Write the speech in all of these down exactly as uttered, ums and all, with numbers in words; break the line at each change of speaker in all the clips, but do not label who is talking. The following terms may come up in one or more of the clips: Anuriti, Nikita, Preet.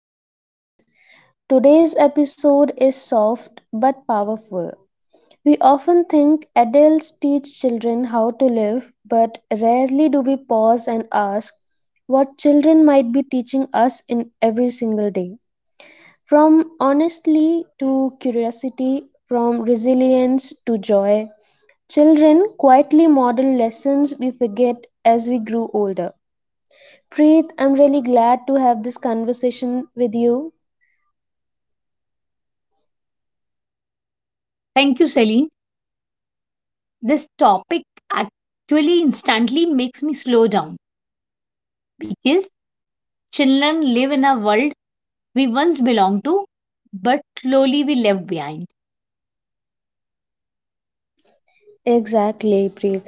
podcast, guys. Today's episode is soft but powerful. We often think adults teach children how to live, but rarely do we pause and ask what children might be teaching us in every single day. From honesty to curiosity, from resilience to joy, children quietly model lessons we forget as we grew older. Preet, I'm really glad to have this conversation with you.
Thank you, Celine. This topic actually instantly makes me slow down because children live in a world we once belonged to, but slowly we left behind.
Exactly, Preet.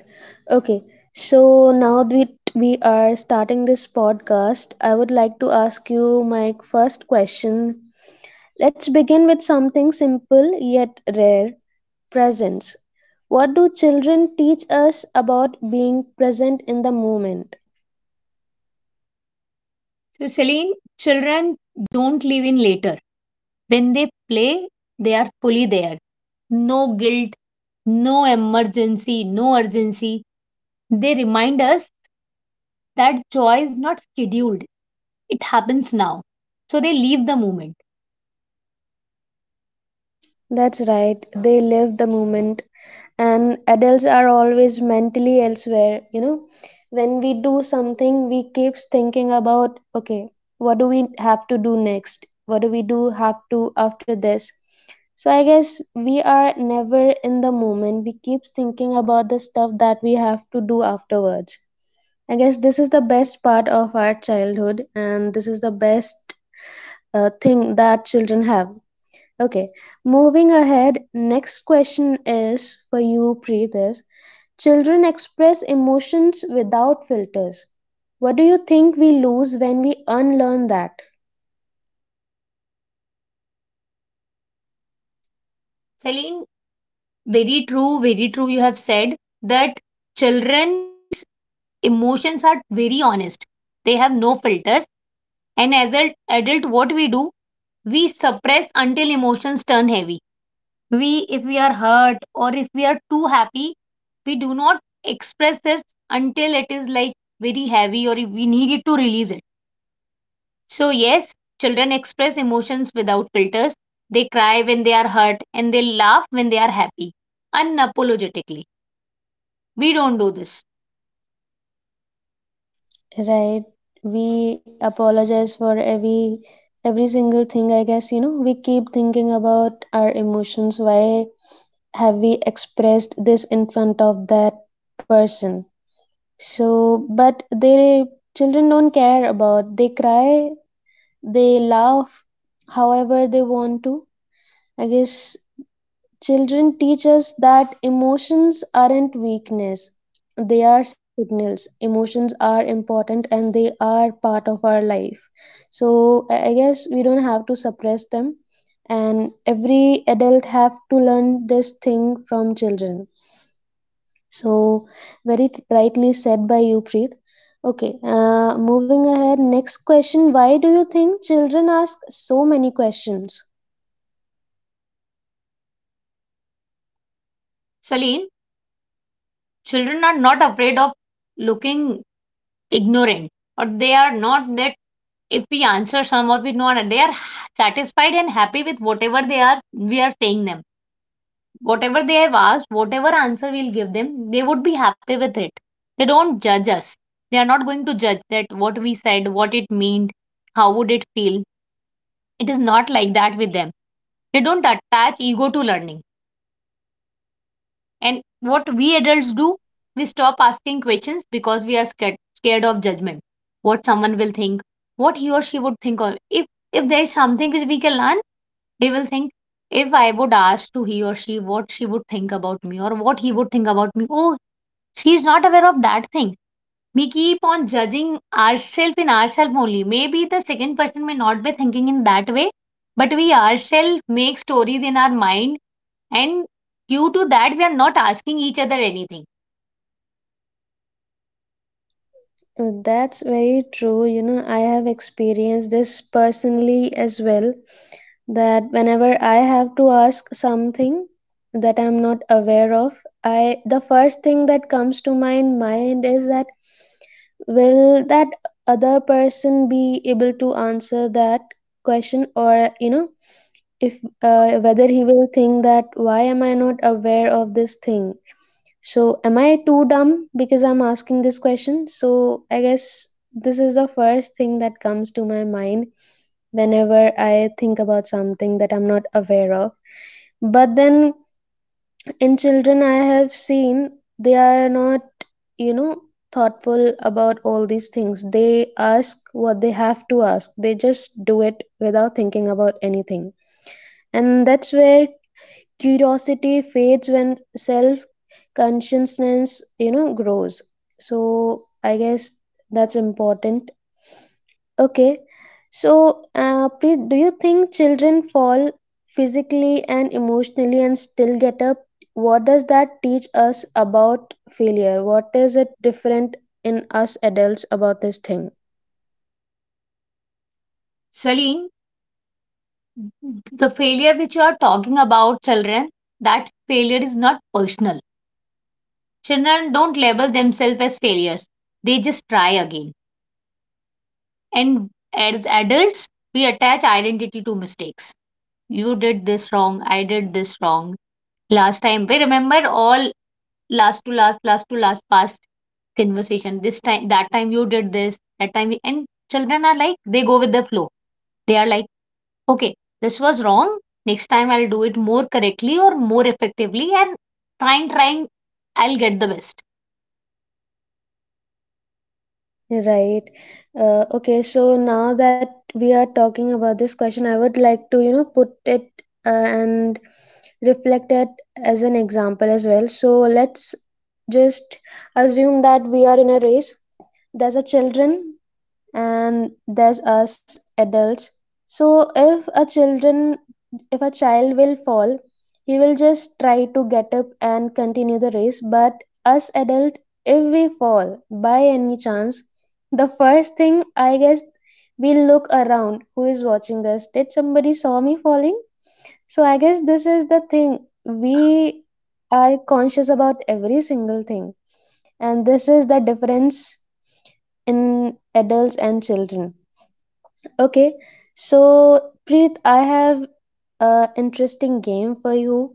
Okay, so now that we are starting this podcast, I would like to ask you my first question. Let's begin with something simple yet rare presence. What do children teach us about being present in the moment?
So, Celine, children don't live in later. When they play, they are fully there. No guilt, no emergency, no urgency. They remind us that joy is not scheduled, it happens now. So, they leave the moment.
That's right, they live the moment. And adults are always mentally elsewhere, you know, when we do something we keeps thinking about, okay, what do we have to do next, what do we do have to after this, so I guess we are never in the moment, we keeps thinking about the stuff that we have to do afterwards. I guess this is the best part of our childhood and this is the best uh, thing that children have. Okay, moving ahead, next question is for you, Preet. Children express emotions without filters. What do you think we lose when we unlearn that?
Celine, very true, very true. You have said that children's emotions are very honest. They have no filters. And as an adult, what we do, we suppress until emotions turn heavy. We, if we are hurt or if we are too happy, we do not express this until it is like very heavy or if we need it to release it. So, yes, children express emotions without filters. They cry when they are hurt and they laugh when they are happy, unapologetically. We don't do this.
Right. We apologize for every every single thing, I guess, you know. We keep thinking about our emotions. Why have we expressed this in front of that person? So, but they children don't care about. They cry, they laugh however they want to. I guess children teach us that emotions aren't weakness, they are signals. Emotions are important and they are part of our life. So I I guess we don't have to suppress them, and every adult have to learn this thing from children. So very rightly said by you, Preet. Okay, uh, moving ahead, next question, why do you think children ask so many questions?
Celine, children are not afraid of looking ignorant, or they are not that if we answer some or we not, they are satisfied and happy with whatever they are we are saying them. Whatever they have asked, whatever answer we'll give them, they would be happy with it. They don't judge us. They are not going to judge that what we said, what it meant, how would it feel. It is not like that with them. They don't attach ego to learning. And what we adults do, we stop asking questions because we are scared, scared of judgment. What someone will think, what he or she would think. Or if if there is something which we can learn, we will think. If I would ask to he or she what she would think about me or what he would think about me, oh, she is not aware of that thing. We keep on judging ourselves in ourselves only. Maybe the second person may not be thinking in that way, but we ourselves make stories in our mind, and due to that, we are not asking each other anything.
Uh, That's very true. You know, I have experienced this personally as well. That whenever I have to ask something that I'm not aware of, I the first thing that comes to my mind is that will that other person be able to answer that question, or you know, if uh, whether he will think that why am I not aware of this thing? So, am I too dumb because I'm asking this question? So, I guess this is the first thing that comes to my mind whenever I think about something that I'm not aware of. But then, in children, I have seen they are not, you know, thoughtful about all these things. They ask what they have to ask, they just do it without thinking about anything. And that's where curiosity fades when self consciousness, you know, grows. So I guess that's important. Okay, so uh, Preet, do you think children fall physically and emotionally and still get up, what does that teach us about failure, what is it different in us adults about this thing?
Celine, the failure which you are talking about, children, that failure is not personal. Children don't label themselves as failures, they just try again. And as adults, we attach identity to mistakes. You did this wrong, I did this wrong. Last time, we remember all last to last, last to last, past conversation, this time, that time you did this, that time you- and children are like, they go with the flow. They are like, okay, this was wrong. Next time I'll do it more correctly or more effectively, and trying, trying, I'll get the best.
Right. Uh, okay, so now that we are talking about this question, I would like to, you know, put it uh, and reflect at as an example as well. So let's just assume that we are in a race, there's a children and there's us adults. So if a children if a child will fall, he will just try to get up and continue the race, but us adult, if we fall by any chance, the first thing, I guess, we look around, who is watching us, did somebody saw me falling? So I guess this is the thing. We are conscious about every single thing. And this is the difference in adults and children. Okay. So Preet, I have a interesting game for you.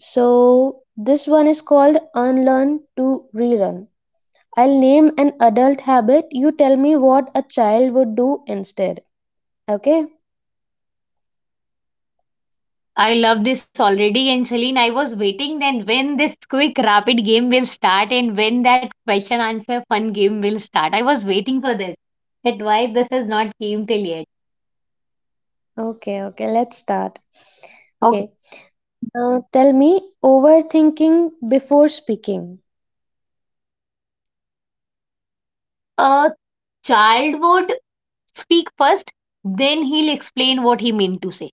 So this one is called Unlearn to Relearn. I'll name an adult habit. You tell me what a child would do instead. Okay?
I love this already. And Celine, I was waiting then when this quick rapid game will start and when that question answer fun game will start. I was waiting for this. That why this has not came till yet.
Okay, okay. Let's start.
Okay.
Okay. Uh, tell me, overthinking before speaking,
A child would speak first, then he'll explain what he meant to say.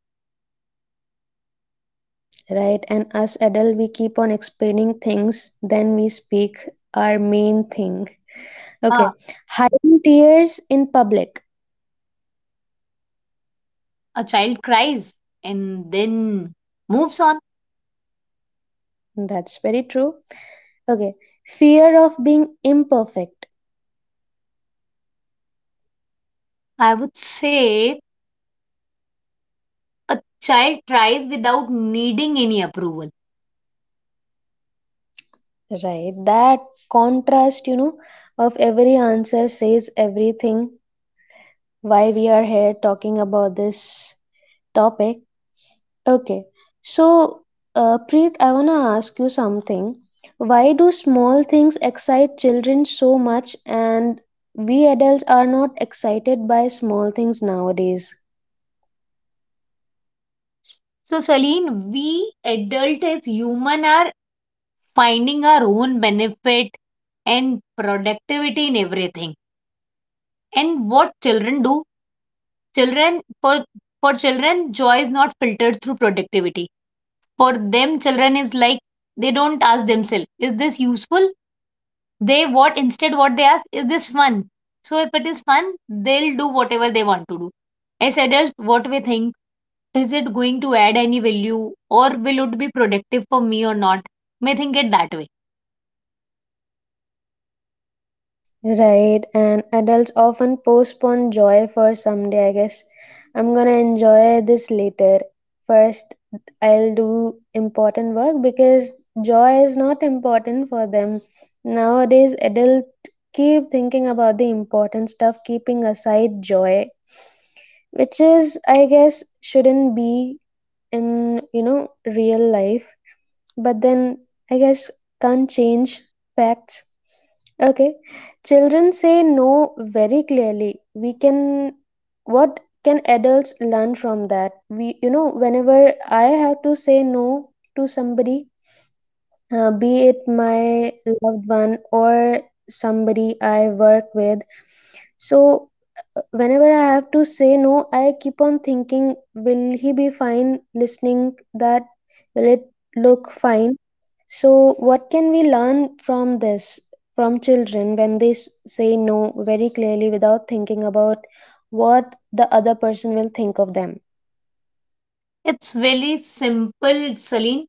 right? And us adult, we keep on explaining things, then we speak our main thing. Okay,
Ah,
hiding tears in public.
a child cries and then moves on.
That's very true. Okay, fear of being imperfect,
I would say a child tries without needing any approval.
right? That contrast, you know, of every answer says everything why we are here talking about this topic. Okay. So, uh, Preet, I want to ask you something. Why do small things excite children so much and we adults are not excited by small things nowadays?
So, Celine, we adult as human are finding our own benefit and productivity in everything. And what children do, children for for children, joy is not filtered through productivity. For them, children is like, they don't ask themselves, is this useful? They what Instead, what they ask is, this fun? So if it is fun, they'll do whatever they want to do. As adults, what we think is it going to add any value, or will it be productive for me or not? May think it that way.
Right, and adults often postpone joy for someday, I guess. I'm gonna enjoy this later. First, I'll do important work because joy is not important for them. Nowadays, adults keep thinking about the important stuff, keeping aside joy, which is, I guess, shouldn't be in, you know, real life, but then I guess can't change facts. Okay, children say no very clearly. We can, what can adults learn from that? We, you know, whenever I have to say no to somebody, uh, be it my loved one or somebody I work with. So, uh, whenever I have to say no, I keep on thinking, will he be fine listening that? Will it look fine? So, what can we learn from this, from children when they s- say no very clearly without thinking about what the other person will think of them?
It's very simple, Celine,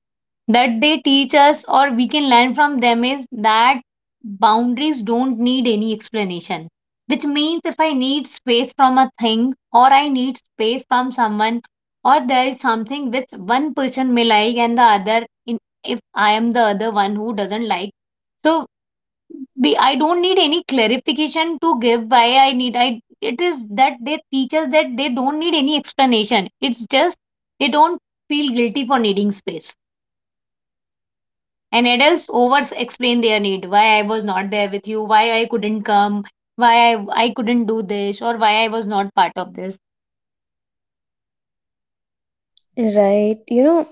that they teach us, or we can learn from them, is that boundaries don't need any explanation. Which means, if I need space from a thing, or I need space from someone, or there is something which one person may like and the other, in, if I am the other one who doesn't like, so we, I don't need any clarification to give why I need. I It is that they teach us that they don't need any explanation. It's just, they don't feel guilty for needing space. And adults over explain their need, why I was not there with you, why I couldn't come, why I, I couldn't do this, or why I was not part of this.
Right. You know,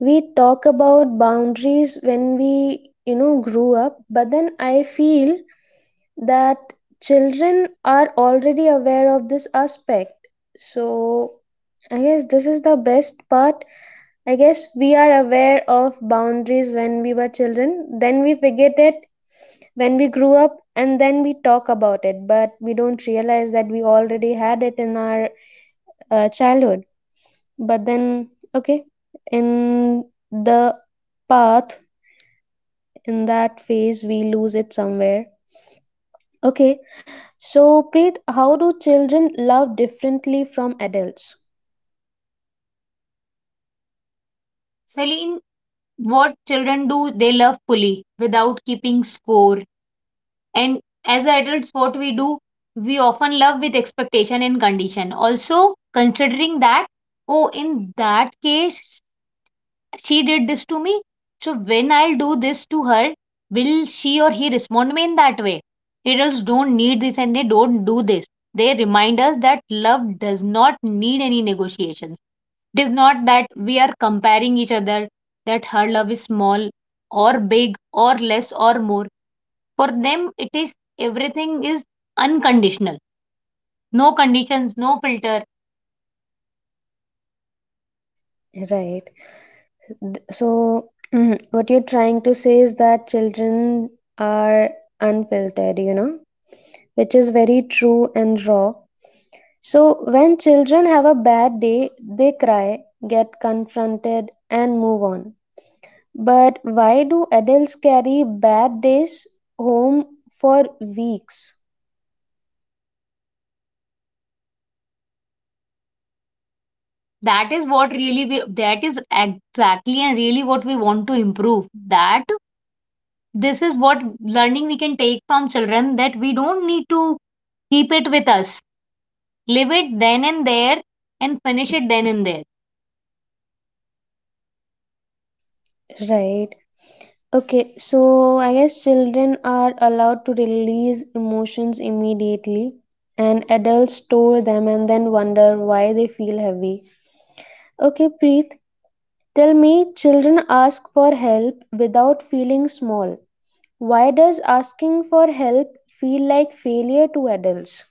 we talk about boundaries when we, you know, grew up, but then I feel that children are already aware of this aspect. So I guess this is the best part. I guess we are aware of boundaries when we were children, then we forget it when we grew up, and then we talk about it, but we don't realize that we already had it in our uh, childhood, but then okay, in the path, in that phase we lose it somewhere. Okay, so Preet, how do children love differently from adults?
Celine, what children do, they love fully without keeping score. And as adults, what we do, we often love with expectation and condition, also considering that, oh, in that case, she did this to me. So when I'll do this to her, will she or he respond me in that way? Adults don't need this and they don't do this. They remind us that love does not need any negotiations. It is not that we are comparing each other, that her love is small or big or less or more. For them, it is, everything is unconditional. No conditions, no filter.
Right. Th- so mhm, what you're trying to say is that children are unfiltered, you know, which is very true and raw. So when children have a bad day they cry, get confronted and move on. But why do adults carry bad days home for weeks?
That is what really we, that is exactly and really what we want to improve. That This is what learning we can take from children, that we don't need to keep it with us. Live it then and there, and finish it then and there.
Right. Okay, so I guess children are allowed to release emotions immediately, and adults store them and then wonder why they feel heavy. Okay, Preet, tell me, children ask for help without feeling small. Why does asking for help feel like failure to adults?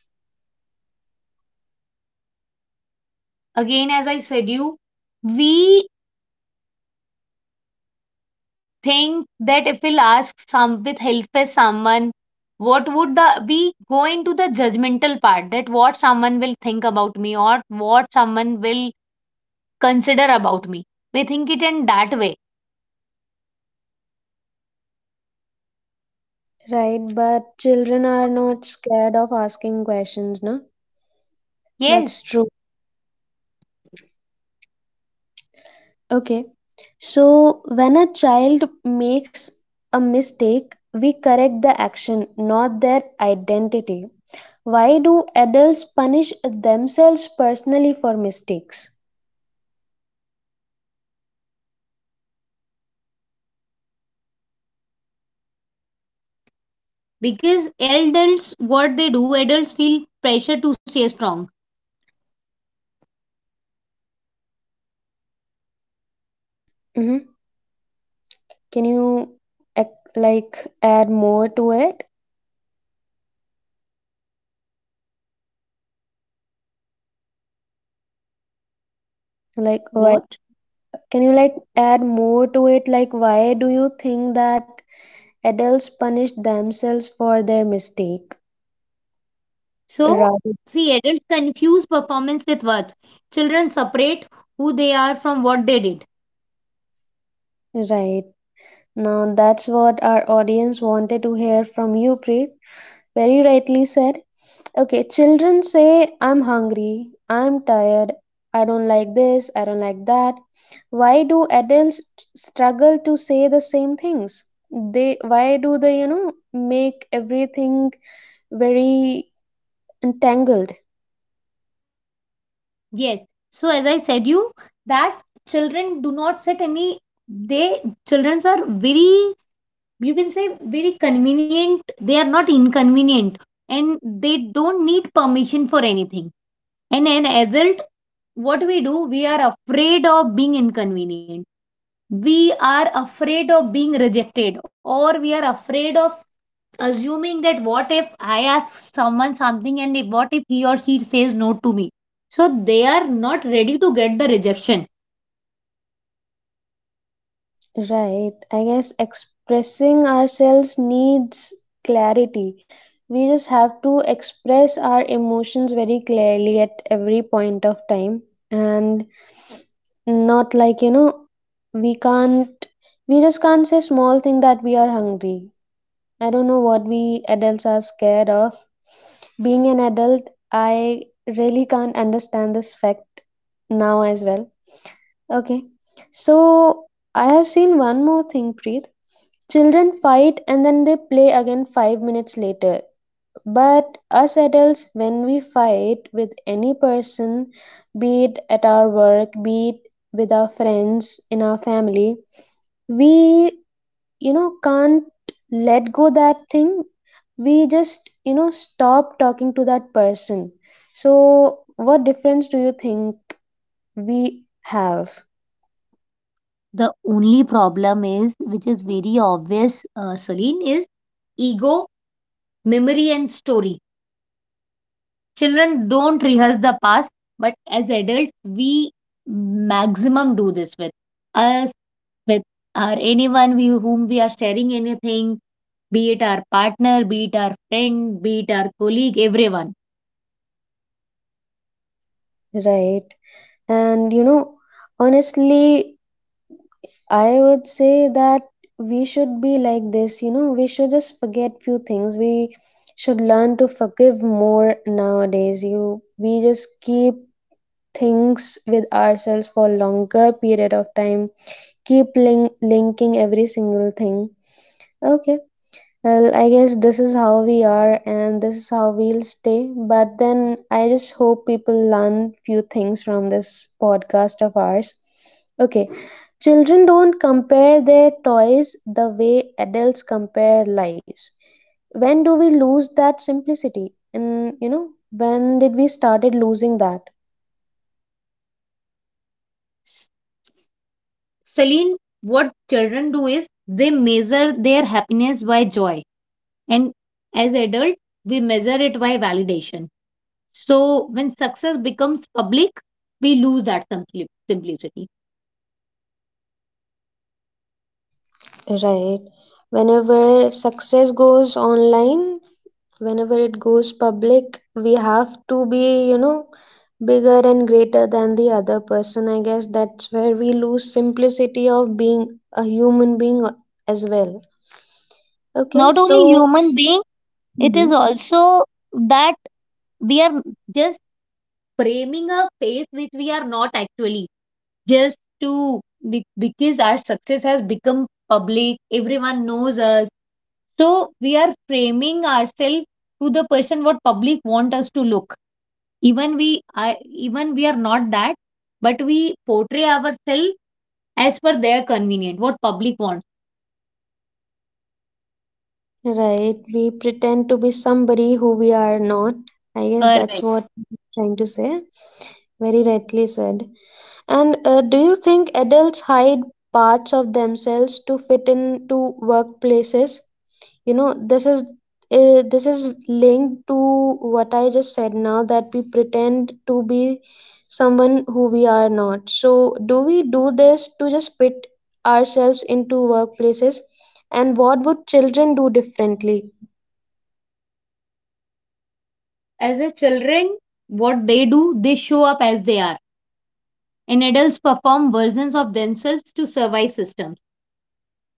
Again, as I said you, we think that if we'll ask some with help with someone, what would the we go into the judgmental part, that what someone will think about me, or what someone will consider about me. We think it in that way.
Right, but children are not scared of asking questions, no? That's
Yes,
true. Okay. So when a child makes a mistake, we correct the action, not their identity. Why do adults punish themselves personally for mistakes?
because adults, what they do, adults feel pressure to stay strong.
Hmm. Can you ac- like add more to it? Like
What?
why can you like add more to it? Like why do you think that adults punish themselves for their mistake?
So,
Right.
see, adults confuse performance with worth. Children separate who they are from what they did.
Right. Now, that's what our audience wanted to hear from you, Preet. Very rightly said. Okay, children say, I'm hungry, I'm tired, I don't like this, I don't like that. Why do adults struggle to say the same things? They why do they, you know, make everything very entangled?
Yes. So, as I said you, that children do not set any. They Childrens are very, you can say, very convenient. They are not inconvenient, and they don't need permission for anything. And an adult, what we do, we are afraid of being inconvenient. We are afraid of being rejected, or we are afraid of assuming that, what if I ask someone something and if- what if he or she says no to me? So they are not ready to get the rejection.
Right. I guess expressing ourselves needs clarity. We just have to express our emotions very clearly at every point of time and not like, you know, we can't, we just can't say small thing that we are hungry. I don't know what we adults are scared of. Being an adult, I really can't understand this fact now as well. Okay. So I have seen one more thing, Preet. Children fight and then they play again five minutes later. But us adults, when we fight with any person, be it at our work, be it with our friends, in our family, we, you know, can't let go that thing. We just, you know, stop talking to that person. So, what difference do you think we have,
The only problem is, which is very obvious, uh, Celine, is ego, memory, and story. Children don't rehearse the past, but as adults, we maximum do this with us, with our anyone we, whom we are sharing anything, be it our partner, be it our friend, be it our colleague, everyone.
right? And you know, honestly, I would say that we should be like this, you know, we should just forget few things. We should learn to forgive more nowadays. You we just keep things with ourselves for longer period of time, keep link- linking every single thing. Okay. Well, I guess this is how we are and this is how we'll stay. But then I just hope people learn few things from this podcast of ours. Okay. Children don't compare their toys the way adults compare lives. When do we lose that simplicity? And you know, when did we started losing that?
S- Celine, what children do is they measure their happiness by joy, and as adults, we measure it by validation. So when success becomes public, we lose that simpli- simplicity.
Right. Whenever success goes online, whenever it goes public, we have to be, you know, bigger and greater than the other person. I guess that's where we lose simplicity of being a human being as well. Okay,
Not only
so
human being, it is
Mhm.
also that we are just framing a face which we are not actually, just to be- because our success has become public, everyone knows us, so we are framing ourselves to the person what public want us to look. Even we I, even we are not that, but we portray ourselves as per their convenient, what public wants.
Right, we pretend to be somebody who we are not. I guess that's
Correct.
what I'm trying to say. Very rightly said. And uh, Do you think adults hide parts of themselves to fit into workplaces? You know, this is uh, this is linked to what I just said, now that we pretend to be someone who we are not. So do we do this to just fit ourselves into workplaces, and what would children do differently?
As a children, what they do, they show up as they are. And adults perform versions of themselves to survive systems.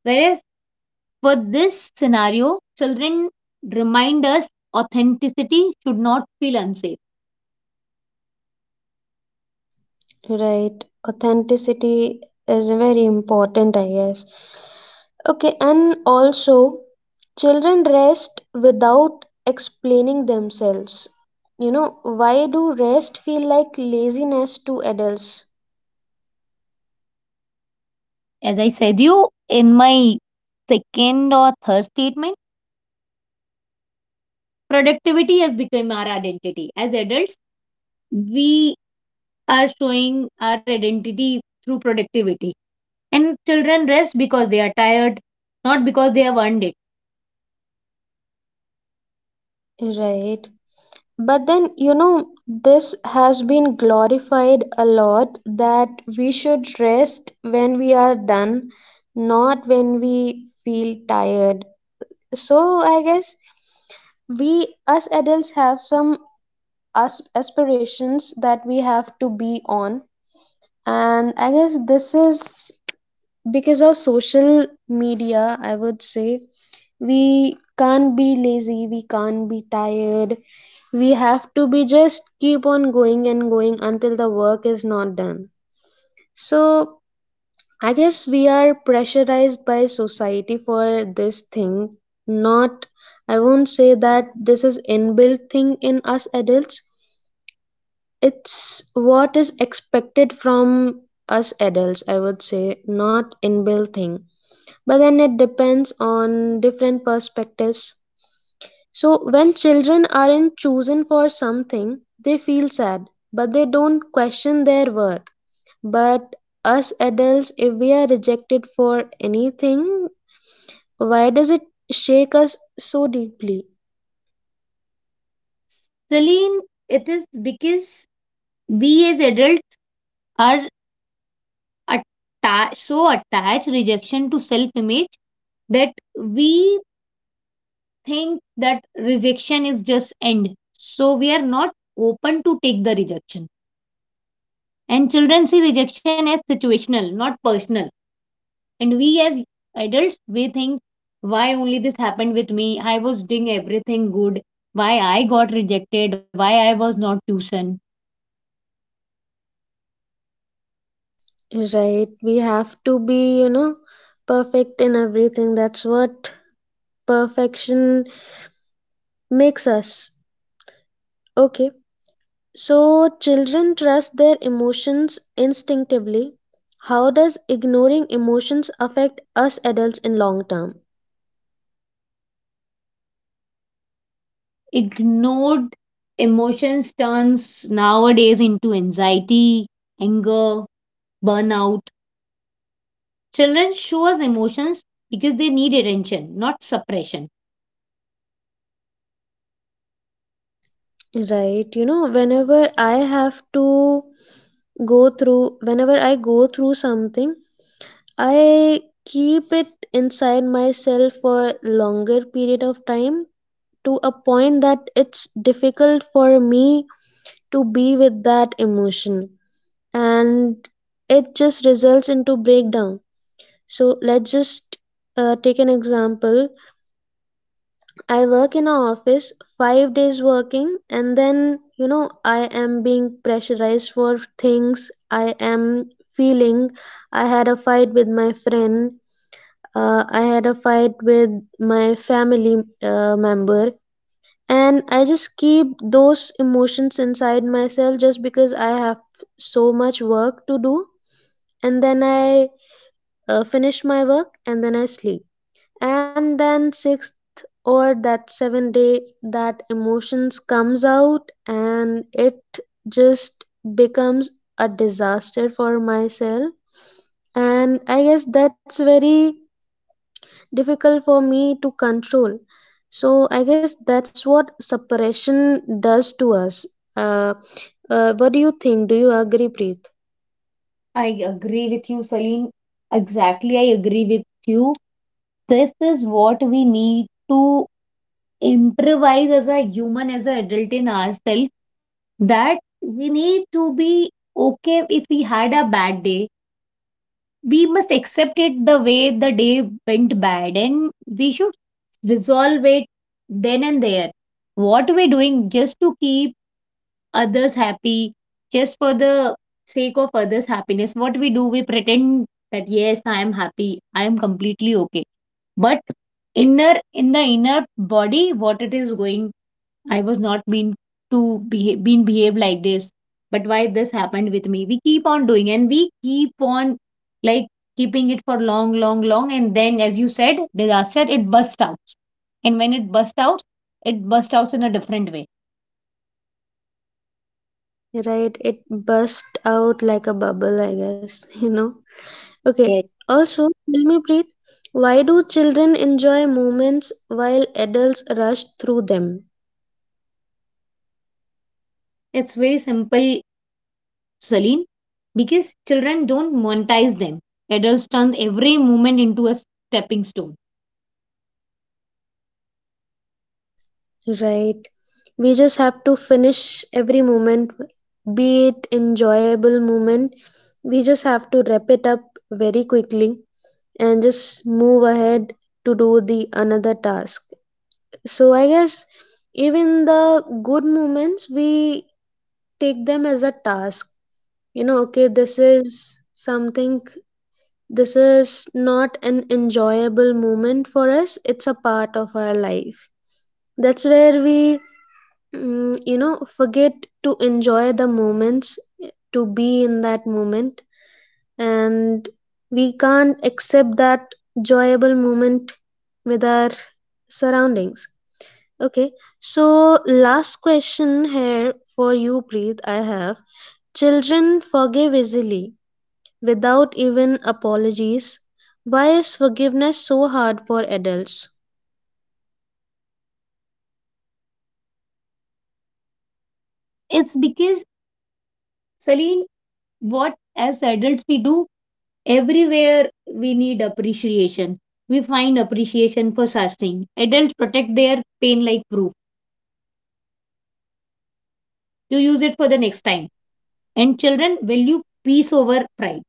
Whereas for this scenario, children remind us authenticity should not feel unsafe.
Right, authenticity is very important, I guess. Okay, and also children rest without explaining themselves. You know, why do rest feel like laziness to adults?
As I said you in my second or third statement, productivity has become our identity. As adults, we are showing our identity through productivity. And children rest because they are tired, not because they have earned it.
Right. But then, you know, this has been glorified a lot that we should rest when we are done, not when we feel tired. So, I guess we, us adults, have some as- aspirations that we have to be on. And I guess this is because of social media, I would say. We can't be lazy, we can't be tired. We have to be just keep on going and going until the work is not done. So, I guess we are pressurized by society for this thing. Not, I won't say that this is inbuilt thing in us adults, it's what is expected from us adults, I would say, not inbuilt thing. But then it depends on different perspectives. So when children aren't chosen for something, they feel sad, but they don't question their worth. But us adults, if we are rejected for anything, why does it shake us so deeply?
Celine, it is because we as adults are atta- so attached rejection to self image, that we think that rejection is just end, so we are not open to take the rejection. And children see rejection as situational, not personal. And we as adults, we think, why only this happened with me? I was doing everything good. Why I got rejected? Why I was not chosen?
Right, we have to be, you know, perfect in everything. That's what perfection makes us. Okay, so children trust their emotions instinctively. How does ignoring emotions affect us adults in long term?
Ignored emotions turns nowadays into anxiety, anger, burnout. Children show us emotions because they need attention, not suppression.
Right, you know, whenever I have to go through, whenever I go through something, I keep it inside myself for longer period of time to a point that it's difficult for me to be with that emotion, and it just results into breakdown. So let's just uh, take an example. I work in an office, five days working, and then you know I am being pressurized for things, I am feeling I had a fight with my friend, uh, I had a fight with my family uh, member, and I just keep those emotions inside myself just because I have so much work to do, and then I uh, finish my work, and then I sleep. And then sixth or that seventh day that emotions comes out and it just becomes a disaster for myself, and I guess that's very difficult for me to control. So I guess that's what suppression does to us. Uh, uh, what do you think? Do you agree, Preet?
I agree with you, Celine. Exactly, I agree with you. This is what we need to improvise as a human, as an adult in ourselves. That we need to be okay if we had a bad day. We must accept it the way the day went bad, and we should resolve it then and there. What we're doing just to keep others happy, just for the sake of others happiness, what we do, we pretend that, yes, I am happy, I am completely okay, but inner in the inner body, what it is going, I was not meant to behave, been behaved like this. But why this happened with me? We keep on doing, and we keep on, like, keeping it for long, long, long. And then, as you said, disaster, it bursts out. And when it bursts out, it bursts out in a different way.
Right, it burst out like a bubble, I guess, you know. Okay.
Yes.
Also, tell me, Preet, why do children enjoy moments while adults rush through them?
It's very simple, Celine, because children don't monetize them. Adults turn every moment into a stepping stone.
Right. We just have to finish every moment, be it enjoyable moment. We just have to wrap it up very quickly and just move ahead to do the another task. So I guess even the good moments we take them as a task. You know, okay, this is something. This is not an enjoyable moment for us, it's a part of our life. That's where we, mm, you know, forget to enjoy the moments, to be in that moment, and we can't accept that enjoyable moment with our surroundings. Okay, so last question here for you, Preet. I have children forgive easily without even apologies. Why is forgiveness so hard for adults?
It's because, Celine, what as adults we do, everywhere we need appreciation. We find appreciation for such thing. Adults protect their pain like proof to use it for the next time. And children value peace over pride.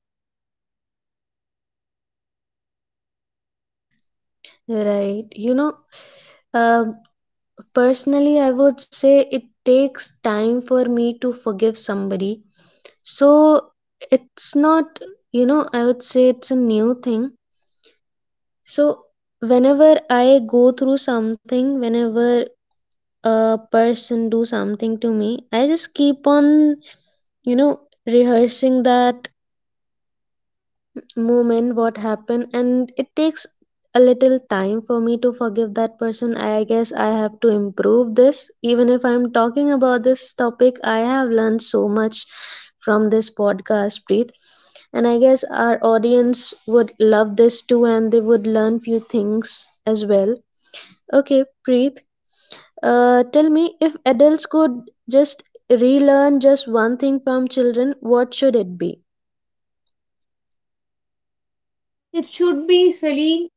Right. You know, uh, personally, I would say it takes time for me to forgive somebody. So it's not, you know, I would say it's a new thing. So whenever I go through something, whenever a person do something to me, I just keep on, you know, rehearsing that moment what happened, and it takes a little time for me to forgive that person. I guess I have to improve this. Even if I'm talking about this topic, I have learned so much from this podcast, Preet. And I guess our audience would love this too, and they would learn few things as well. Okay Preet, uh, tell me, if adults could just relearn just one thing from children, what should it be?
It should be silly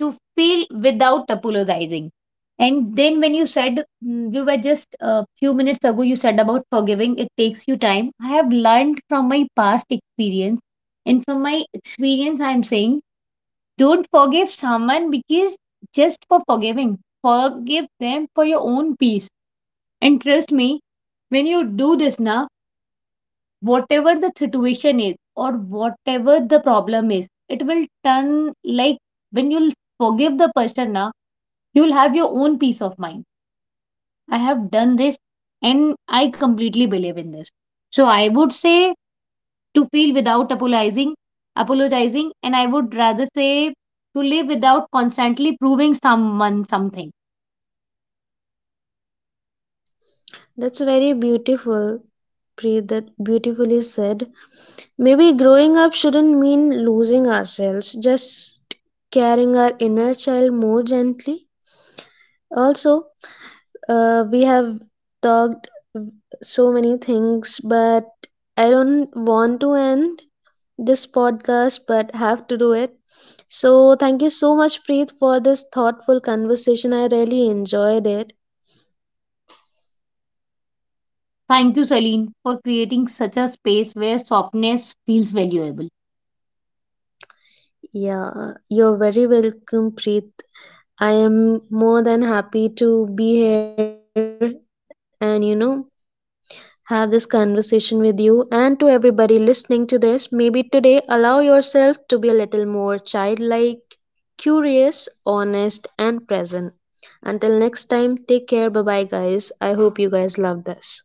to feel without apologizing. And then when you said mm, you were just a few minutes ago, you said about forgiving, it takes you time. I have learned from my past experience, and from my experience, I am saying, don't forgive someone because just for forgiving. Forgive them for your own peace. And trust me, when you do this now, whatever the situation is, or whatever the problem is, it will turn like, when you'll forgive the person now, you'll have your own peace of mind. I have done this and I completely believe in this. So I would say to feel without apologizing, apologizing, and I would rather say to live without constantly proving someone something.
That's very beautiful, Preet, that beautifully said. Maybe growing up shouldn't mean losing ourselves, just carrying our inner child more gently. Also, uh, we have talked so many things, but I don't want to end this podcast, but have to do it. So, thank you so much, Preet, for this thoughtful conversation. I really enjoyed it.
Thank you, Celine, for creating such a space where softness feels valuable.
Yeah, you're very welcome, Preet. I am more than happy to be here and, you know, have this conversation with you. And to everybody listening to this, maybe today allow yourself to be a little more childlike, curious, honest, and present. Until next time, take care. Bye bye, guys. I hope you guys love this.